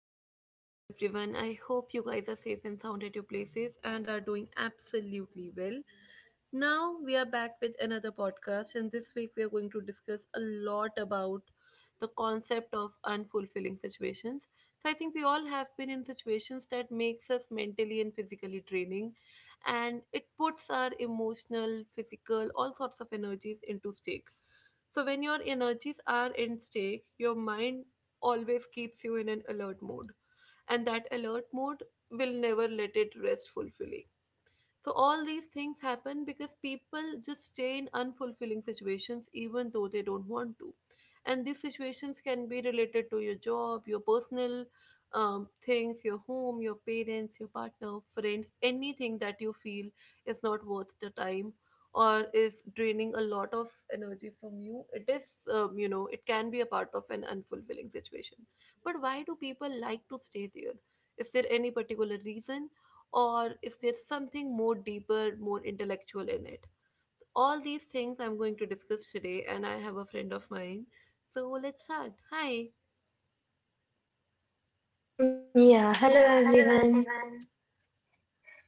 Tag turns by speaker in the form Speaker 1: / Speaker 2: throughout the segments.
Speaker 1: warm welcome to everyone. I hope you guys are safe and sound at your places and are doing absolutely well. Now we are back with another podcast, and this week we are going to discuss a lot about the concept of unfulfilling situations. So I think we all have been in situations that makes us mentally and physically draining and it puts our emotional, physical, all sorts of energies into stake. So when your energies are in stake, your mind always keeps you in an alert mode and that alert mode will never let it rest fully. So all these things happen because people just stay in unfulfilling situations even though they don't want to. And these situations can be related to your job, your personal things, your home, your parents, your partner, friends, anything that you feel is not worth the time or is draining a lot of energy from you. It is, you know, It can be a part of an unfulfilling situation. But why do people like to stay there? Is there any particular reason, or is there something more deeper, more intellectual in it? All these things I'm going to discuss today, and I have a friend of mine. So let's start. Hi.
Speaker 2: Yeah,
Speaker 1: Yeah,
Speaker 2: hello
Speaker 1: hello
Speaker 2: everyone.
Speaker 1: everyone.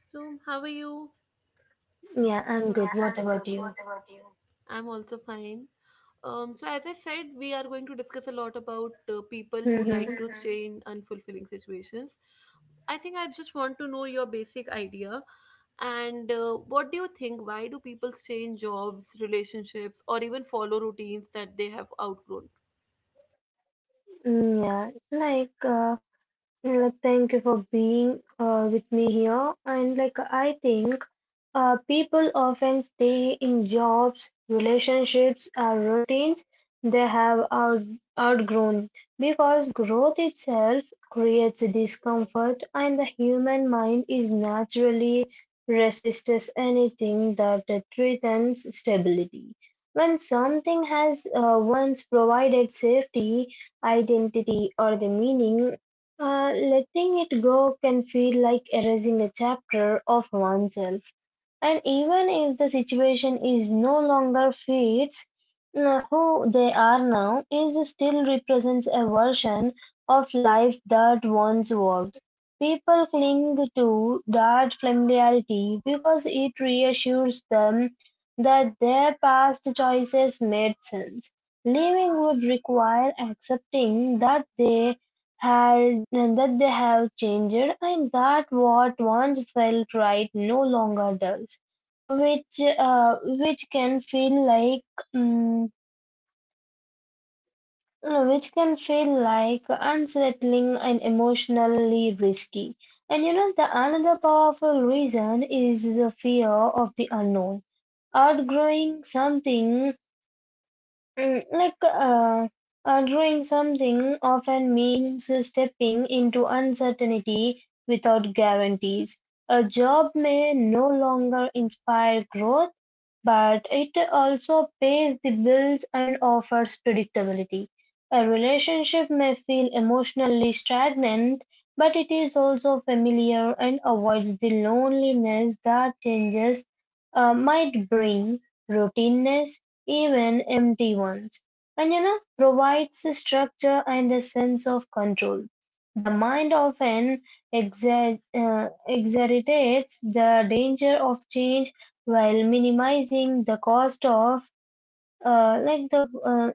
Speaker 1: So, how are you?
Speaker 2: Yeah,
Speaker 1: Yeah,
Speaker 2: I'm good.
Speaker 1: I'm,
Speaker 2: What about
Speaker 1: what
Speaker 2: you?
Speaker 1: about you? I'm also fine. So, as I said, we are going to discuss a lot about people who like
Speaker 2: Mm-hmm.
Speaker 1: to stay in unfulfilling situations. I think I just want to know your basic idea. And what do you think? Why do people stay in jobs, relationships, or even follow routines that they have outgrown?
Speaker 2: Yeah, like, uh, thank you for being with me here. And I think people often stay in jobs, relationships, or routines they have outgrown because growth itself creates discomfort, and the human mind is naturally resists anything that threatens stability. When something has once provided safety, identity, or the meaning, letting it go can feel like erasing a chapter of oneself. And even if the situation is no longer fits who they are now, it still represents a version of life that once worked. People cling to that familiarity because it reassures them that their past choices made sense. Living would require accepting that they had that they have changed and that what once felt right no longer does which which can feel like mm, no, which can feel like unsettling and emotionally risky. And you know the another powerful reason is the fear of the unknown outgrowing something. Mm, like uh, Doing something often means stepping into uncertainty without guarantees. A job may no longer inspire growth, but it also pays the bills and offers predictability. A relationship may feel emotionally stagnant, but it is also familiar and avoids the loneliness that changes might bring, routineness, even empty ones, and you know, provides a structure and a sense of control. The mind often exaggerates the danger of change while minimizing the cost of uh, like the uh,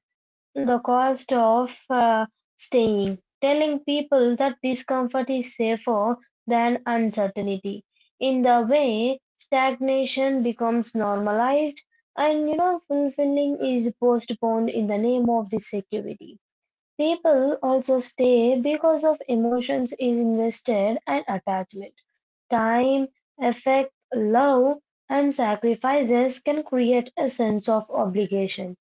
Speaker 2: the cost of staying, telling people that discomfort is safer than uncertainty in the way stagnation becomes normalized, and you know fulfilling is postponed in the name of the security. People also stay because of emotions is invested and attachment. Time, affect, love, and sacrifices can create a sense of obligation.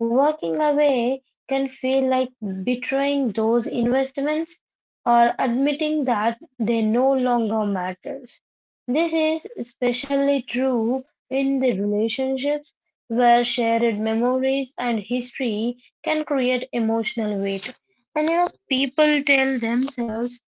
Speaker 2: Walking away can feel like betraying those investments or admitting that they no longer matters. This is especially true in the relationships where shared memories and history can create emotional weight. And you know, people tell themselves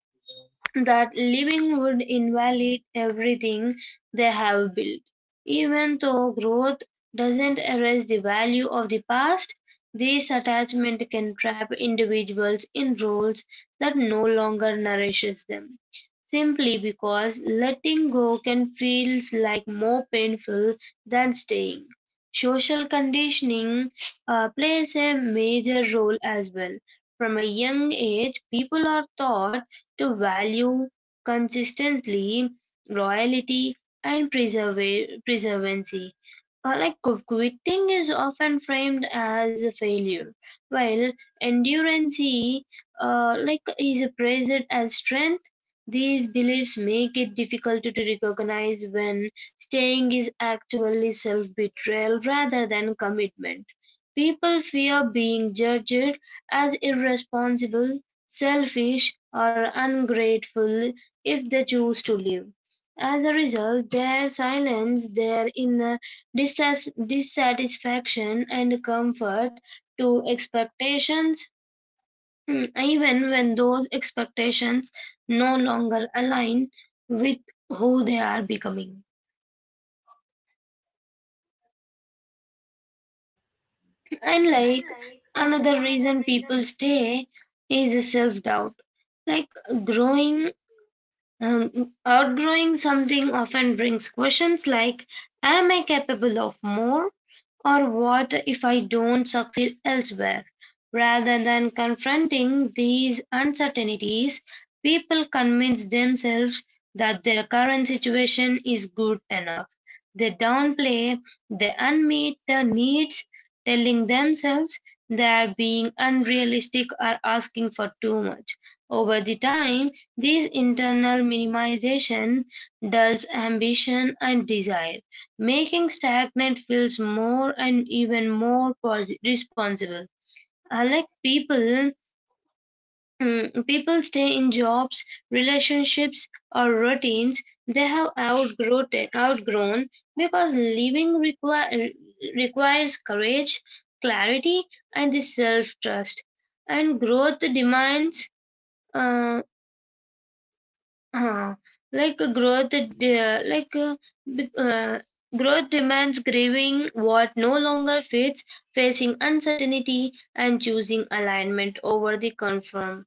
Speaker 2: that leaving would invalidate everything they have built. Even though growth doesn't erase the value of the past, this attachment can trap individuals in roles that no longer nourishes them. Simply because letting go can feel like more painful than staying. Social conditioning plays a major role as well. From a young age, people are taught to value consistently, loyalty, and preservancy. Like quitting is often framed as a failure, while endurance is praised as strength. These beliefs make it difficult to recognize when staying is actually self-betrayal rather than commitment. People fear being judged as irresponsible, selfish, or ungrateful if they choose to live. As a result, they silence their inner dissatisfaction and comfort to expectations, mm, even when those expectations no longer align with who they are becoming. And
Speaker 1: And
Speaker 2: like
Speaker 1: like
Speaker 2: Another
Speaker 1: another
Speaker 2: reason
Speaker 1: reason
Speaker 2: people stay is self doubt. Like Growing, outgrowing something often brings questions like, am I capable of more? Or what if I don't succeed elsewhere? Rather than confronting these uncertainties, people convince themselves that their current situation is good enough. They downplay the unmet needs, telling themselves they are being unrealistic or asking for too much. Over the time, this internal minimization dulls ambition and desire. Making stagnant feels more and even more responsible. I like people. People stay in jobs, relationships, or routines they have outgrown because living requires courage, clarity, and the self trust. And growth demands uh, Uh, like growth, de- like b- growth demands grieving what no longer fits, facing uncertainty, and choosing alignment over the conform.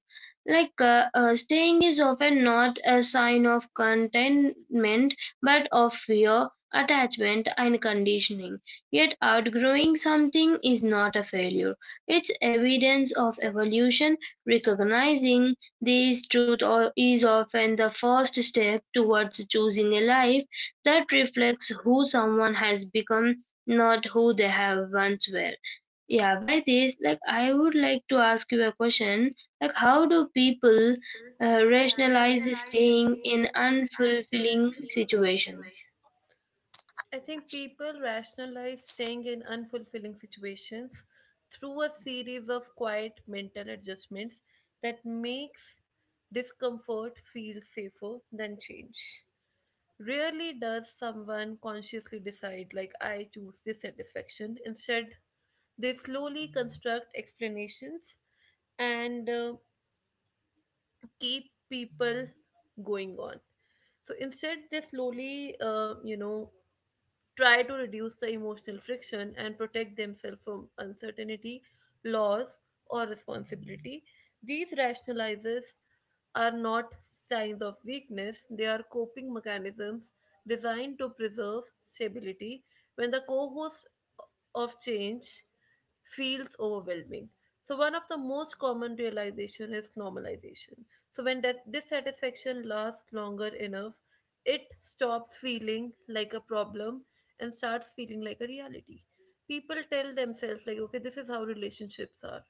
Speaker 2: Staying is often not a sign of contentment, but of fear, attachment, and conditioning. Yet outgrowing something is not a failure; it's evidence of evolution. Recognizing this truth is often the first step towards choosing a life that reflects who someone has become, not who they have once were. Yeah, by this, I would like to ask you a question, like how do people
Speaker 1: people
Speaker 2: rationalize
Speaker 1: rationalize
Speaker 2: staying
Speaker 1: staying
Speaker 2: in
Speaker 1: in
Speaker 2: unfulfilling
Speaker 1: unfulfilling
Speaker 2: situations?
Speaker 1: situations. I think people rationalize staying in unfulfilling situations through a series of quiet mental adjustments that makes discomfort feel safer than change. Rarely does someone consciously decide like I choose dissatisfaction. Instead, they slowly construct explanations and keep people going on. So instead, they slowly, you know, try to reduce the emotional friction and protect themselves from uncertainty, loss, or responsibility. These rationalizers are not signs of weakness, they are coping mechanisms designed to preserve stability when the co host of change feels overwhelming. So one of the most common realization is normalization. So when that dissatisfaction lasts longer enough, it stops feeling like a problem and starts feeling like a reality. People tell themselves, like, okay, this is how relationships are,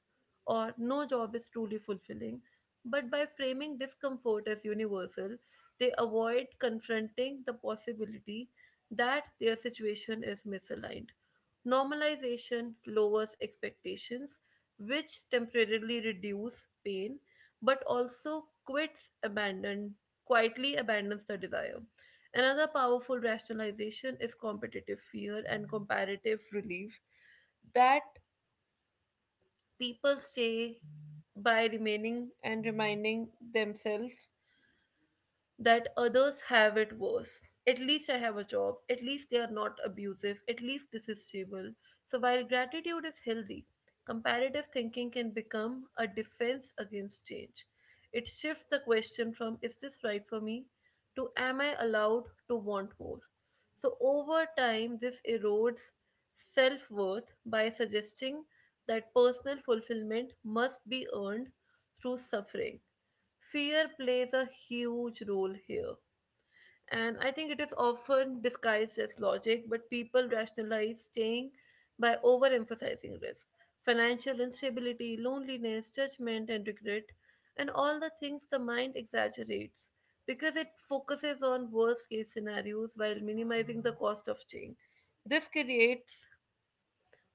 Speaker 1: or no job is truly fulfilling. But by framing discomfort as universal, they avoid confronting the possibility that their situation is misaligned. Normalization lowers expectations, which temporarily reduce pain, but also quits abandon quietly abandons the desire. Another powerful rationalization is competitive fear and comparative relief that people stay by remaining and reminding themselves that others have it worse. At least I have a job. At least they are not abusive. At least this is stable. So while gratitude is healthy, comparative thinking can become a defense against change. It shifts the question from is this right for me to am I allowed to want more? So over time, this erodes self worth by suggesting that personal fulfillment must be earned through suffering. Fear plays a huge role here. And I think it is often disguised as logic, but people rationalize staying by overemphasizing risk. Financial instability, loneliness, judgment, and regret, and all the things the mind exaggerates because it focuses on worst case scenarios while minimizing the cost of change. This creates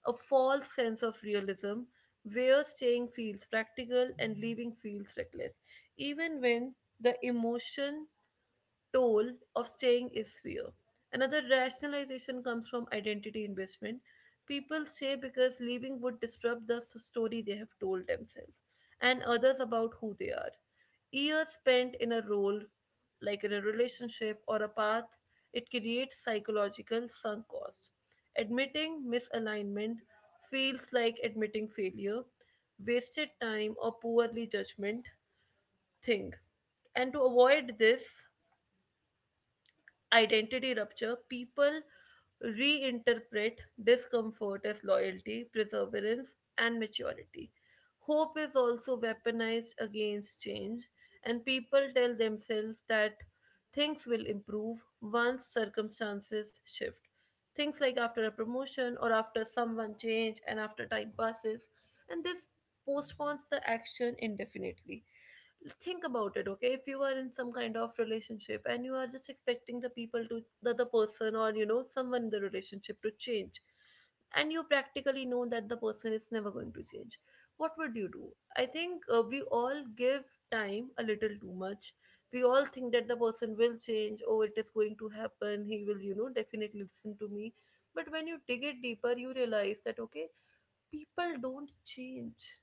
Speaker 1: a false sense of realism where staying feels practical and leaving feels reckless, even when the emotion toll of staying is fear. Another rationalization comes from identity investment. People stay because leaving would disrupt the story they have told themselves and others about who they are. Years spent in a role, like in a relationship or a path, it creates psychological sunk cost. Admitting misalignment feels like admitting failure, wasted time, or poorly judgment thing. And to avoid this, identity rupture, people reinterpret discomfort as loyalty, perseverance, and maturity. Hope is also weaponized against change, and people tell themselves that things will improve once circumstances shift. Things like after a promotion or after someone change and after time passes, and this postpones the action indefinitely. Think about it, okay, if you are in some kind of relationship and you are just expecting the people to the other person or you know someone in the relationship to change and you practically know that the person is never going to change, what would you do? I think we all give time a little too much. We all think that the person will change. Oh, it is going to happen, he will, you know, definitely listen to me. But when you dig it deeper you realize that okay, people don't change.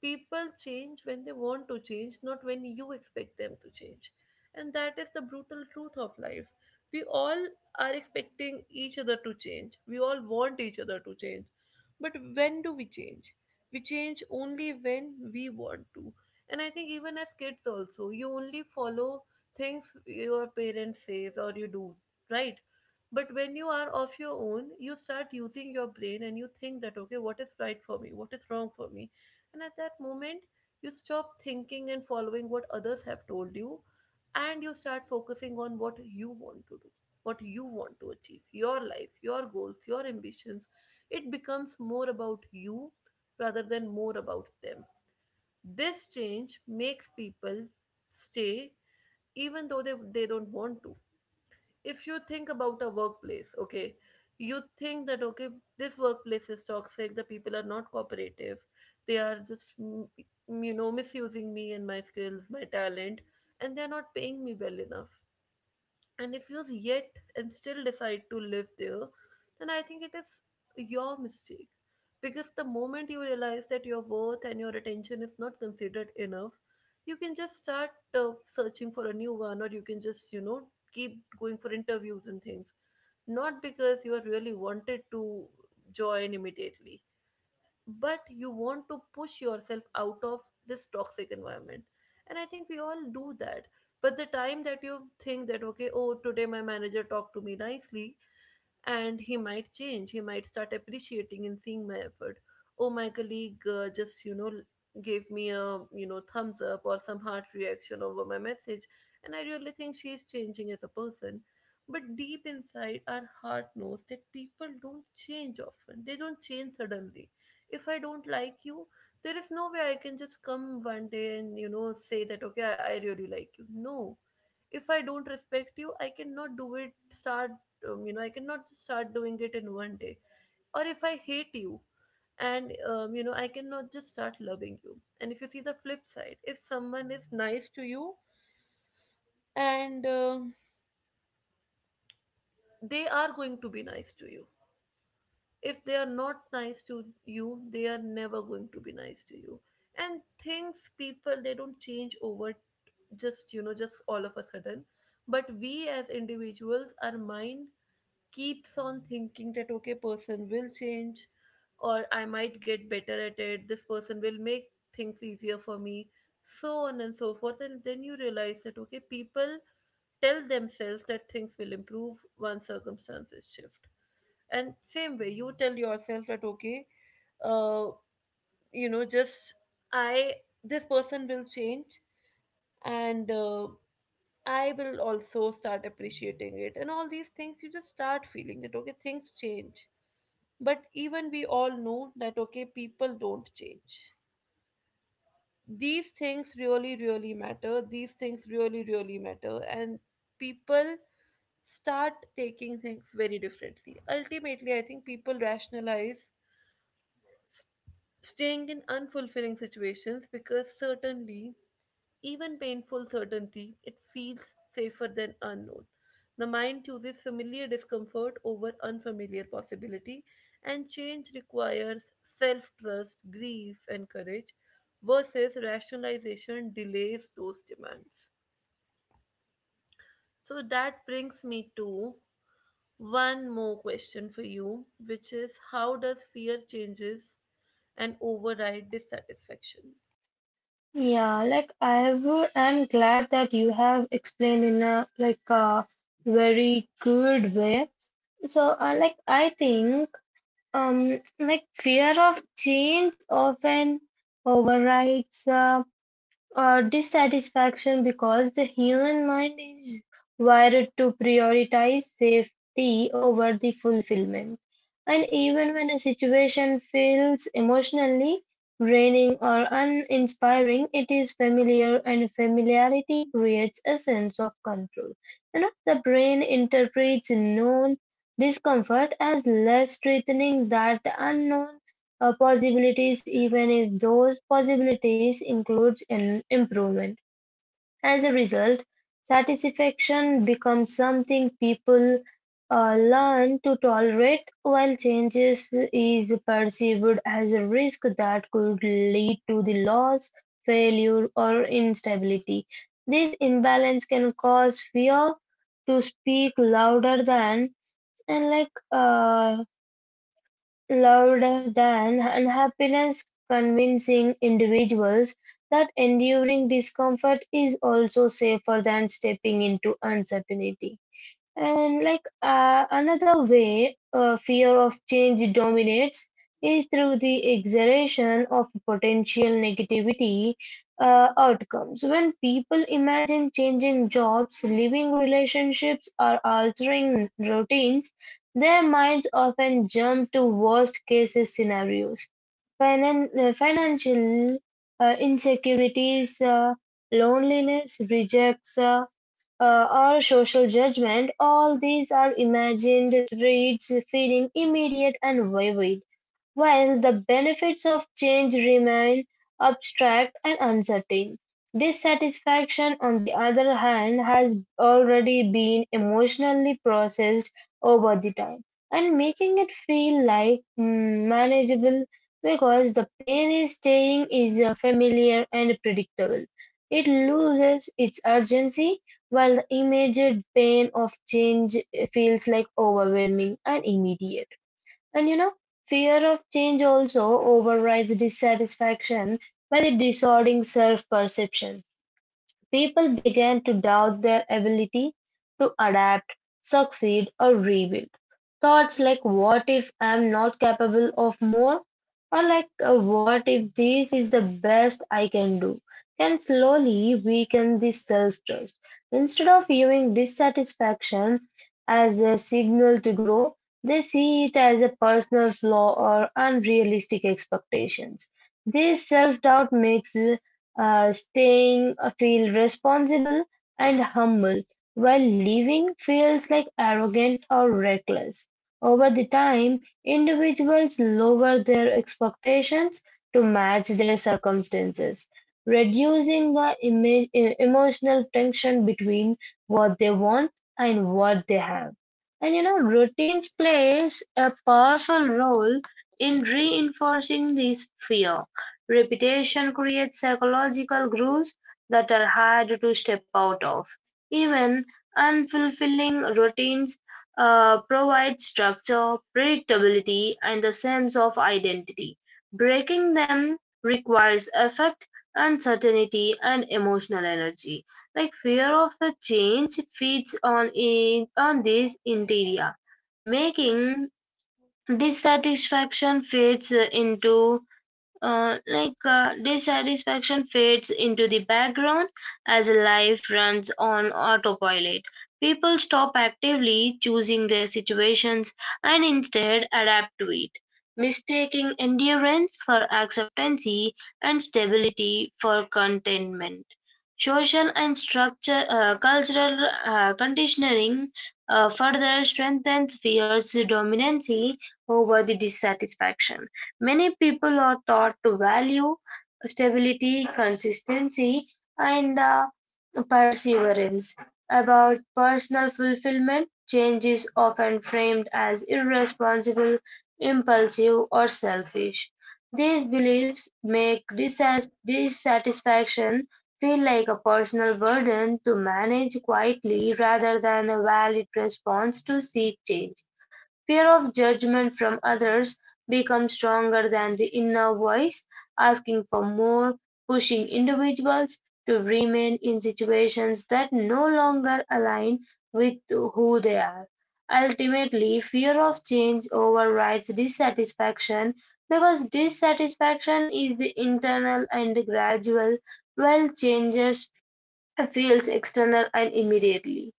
Speaker 1: People change when they want to change, not when you expect them to change. And that is the brutal truth of life. We all are expecting each other to change. We all want each other to change. But when do we change? We change only when we want to. And I think even as kids also, you only follow things your parents says or you do, right? But when you are of your own, you start using your brain and you think that, okay, what is right for me? What is wrong for me? And at that moment, you stop thinking and following what others have told you, and you start focusing on what you want to do, what you want to achieve, your life, your goals, your ambitions. It becomes more about you rather than more about them. This change makes people stay even though they don't want to. If you think about a workplace, okay, you think that okay, this workplace is toxic, the people are not cooperative, they are just you know, misusing me and my skills, my talent, and they're not paying me well enough and refuse yet, and still decide to live there, then I think it is your mistake. Because the moment you realize that your worth and your attention is not considered enough, you can just start searching for a new one, or you can just, you know, keep going for interviews and things. Not because you are really wanted to join immediately, but you want to push yourself out of this toxic environment. And I think we all do that. But the time that you think that okay, oh, today my manager talked to me nicely and he might change, he might start appreciating and seeing my effort. Oh, my colleague just, you know, gave me a, you know, thumbs up or some heart reaction over my message, and I really think she is changing as a person. But deep inside our heart knows that people don't change often, they don't change suddenly. If I don't like you, there is no way I can just come one day and you know say that okay I really like you, no. If I don't respect you, I cannot do it start, you know, I cannot just start doing it in one day. Or if I hate you, and you know, I cannot just start loving you. And if you see the flip side, if someone is nice to you, and they are going to be nice to you. If they are not nice to you, they are never going to be nice to you. And things, people, they don't change over just, you know, just all of a sudden. But we as individuals, our mind keeps on thinking that okay, person will change, or I might get better at it, this person will make things easier for me, so on and so forth. And then you realize that okay, people tell themselves that things will improve once circumstances shift. And same way you tell yourself that okay, uh, you know, just I this person will change, and I will also start appreciating it. And all these things, you just start feeling that, okay, things change. But even we all know that, okay, people don't change. These things really, really matter. These things really, really matter. And people start taking things very differently. Ultimately, I think people rationalize staying in unfulfilling situations because certainly even painful certainty, it feels safer than unknown. The mind chooses familiar discomfort over unfamiliar possibility, and change requires self trust, grief, and courage versus rationalization delays those demands. So that brings me to one more question for you, which is how does fear changes and override dissatisfaction?
Speaker 2: I'm glad that you have explained in a a very good way. So, I think fear of change often overrides or dissatisfaction because the human mind is wired to prioritize safety over the fulfillment. And even when a situation feels emotionally draining or uninspiring, it is familiar, and familiarity creates a sense of control. You know, the brain interprets known discomfort as less threatening than the unknown possibilities, even if those possibilities includes an improvement. As a result, satisfaction becomes something people learn to tolerate while changes is perceived as a risk that could lead to the loss, failure or instability. This imbalance can cause fear to speak louder than and like Louder than unhappiness, convincing individuals that enduring discomfort is also safer than stepping into uncertainty. And like Another way fear of change dominates is through the exaggeration of potential negativity outcomes. When people imagine changing jobs, leaving relationships, or altering routines, their minds often jump to worst case scenarios. Financial insecurities, loneliness, rejects. Or social judgment, all these are imagined traits feeling immediate and vivid. While the benefits of change remain abstract and uncertain, dissatisfaction on the other hand has already been emotionally processed over the time and making it feel like manageable. Because the pain is staying is familiar and predictable. It loses its urgency, while the immediate pain of change feels like overwhelming and immediate. And you know, fear of change also overrides dissatisfaction by the disordering self perception. People began to doubt their ability to adapt, succeed, or rebuild. Thoughts like, what if I'm not capable of more? Or what if this is the best I can do? Can slowly weaken this self trust. Instead of viewing dissatisfaction as a signal to grow, they see it as a personal flaw or unrealistic expectations. This self doubt makes staying feel responsible and humble, while leaving feels like arrogant or reckless. Over the time individuals lower their expectations to match their circumstances, reducing the emotional tension between what they want and what they have. And you know, routines plays a powerful role in reinforcing this fear. Repetition creates psychological grooves that are hard to step out of; even unfulfilling routines provide structure, predictability, and a sense of identity. Breaking them requires effort, uncertainty, and emotional energy. Like fear of a change feeds on this interior, making dissatisfaction fades into dissatisfaction fades into the background as life runs on autopilot. People stop actively choosing their situations and instead adapt to it, mistaking endurance for acceptancy and stability for contentment. Cultural conditioning further strengthens fear's dominancy over the dissatisfaction. Many people are taught to value stability, consistency, and perseverance. About personal fulfillment, change is often framed as irresponsible, impulsive, or selfish. These beliefs make dissatisfaction feel like a personal burden to manage quietly rather than a valid response to seek change. Fear of judgment from others becomes stronger than the inner voice asking for more, pushing individuals to remain in situations that no longer align with who they are. Ultimately, fear of change overrides dissatisfaction because dissatisfaction is the internal and gradual, while changes feels external and immediately.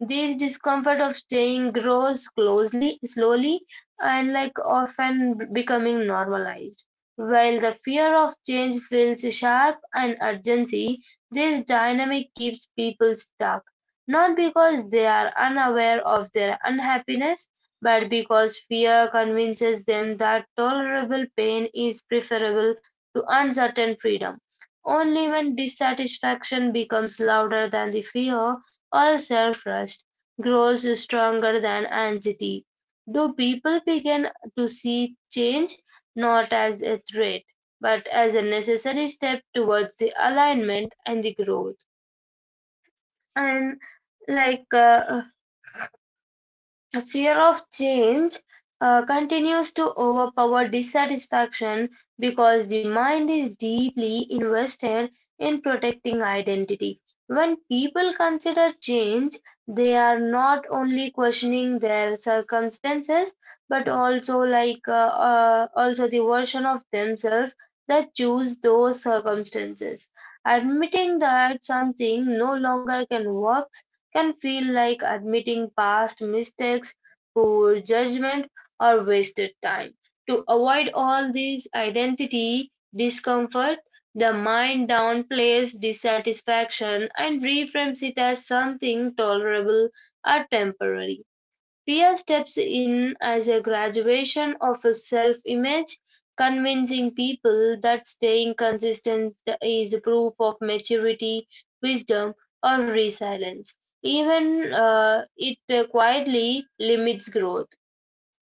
Speaker 2: This discomfort of staying grows closely, slowly, and like often becoming normalized. While the fear of change feels sharp and urgency, this dynamic keeps people stuck, not because they are unaware of their unhappiness, but because fear convinces them that tolerable pain is preferable to uncertain freedom. Only when dissatisfaction becomes louder than the fear or self-trust grows stronger than anxiety. Do people begin to see change not as a threat, but as a necessary step towards the alignment and the growth? And like A fear of change continues to overpower dissatisfaction because the mind is deeply invested in protecting identity. When people consider change, they are not only questioning their circumstances but also the version of themselves that choose those circumstances. Admitting that something no longer can work can feel like admitting past mistakes, poor judgment, or wasted time. To avoid all this identity discomfort, the mind downplays dissatisfaction and reframes it as something tolerable or temporary. Pia steps in as a graduation of his self-image, convincing people that staying consistent is proof of maturity, wisdom, or resilience, even it quietly limits growth.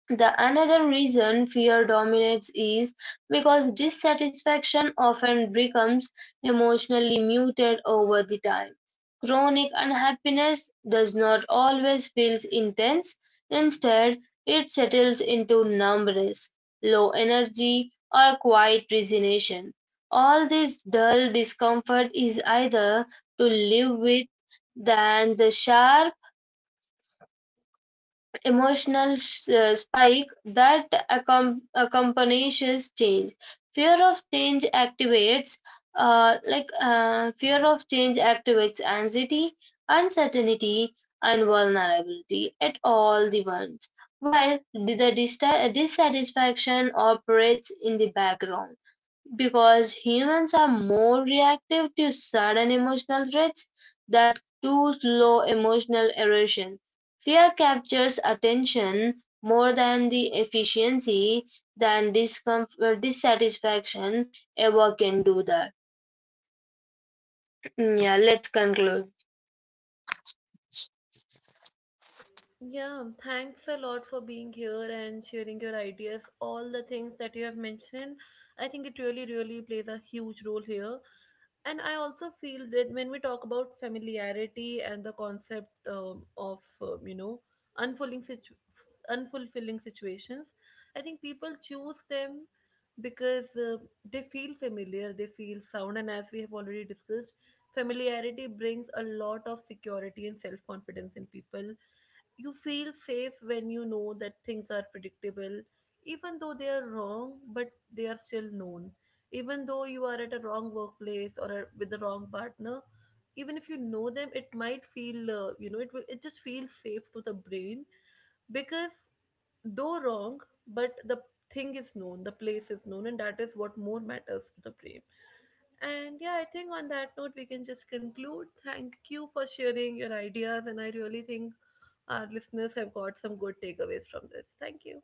Speaker 2: The another reason fear dominates is because dissatisfaction often becomes emotionally muted over the time. Chronic unhappiness does not always feel intense. Instead, it settles into numbness, low energy, or quiet resignation. All this dull discomfort is either to live with than the sharp emotional spike that accompanies change. Fear of change activates, fear of change activates anxiety, uncertainty, and vulnerability at all the once, while the dissatisfaction operates in the background. Because humans are more reactive to sudden emotional threats than to slow emotional erosion, fear captures attention more than the efficiency than discomfort dissatisfaction ever can do that. Mm, yeah, let's conclude.
Speaker 1: Yeah, thanks a lot for being here and sharing your ideas. All the things that you have mentioned, I think it really, really plays a huge role here. And I also feel that when we talk about familiarity and the concept of unfulfilling, unfulfilling situations, I think people choose them because they feel familiar, they feel sound, and as we have already discussed, familiarity brings a lot of security and self confidence in people. You feel safe when you know that things are predictable, even though they are wrong, but they are still known. Even though you are at a wrong workplace or a, with the wrong partner, even if you know them, it might feel, you know, it will, it just feels safe to the brain because, though wrong, but the thing is known, the place is known, and that is what more matters to the brain. And yeah, I think on that note we can just conclude. Thank you for sharing your ideas, and I really think our listeners have got some good takeaways from this. Thank you.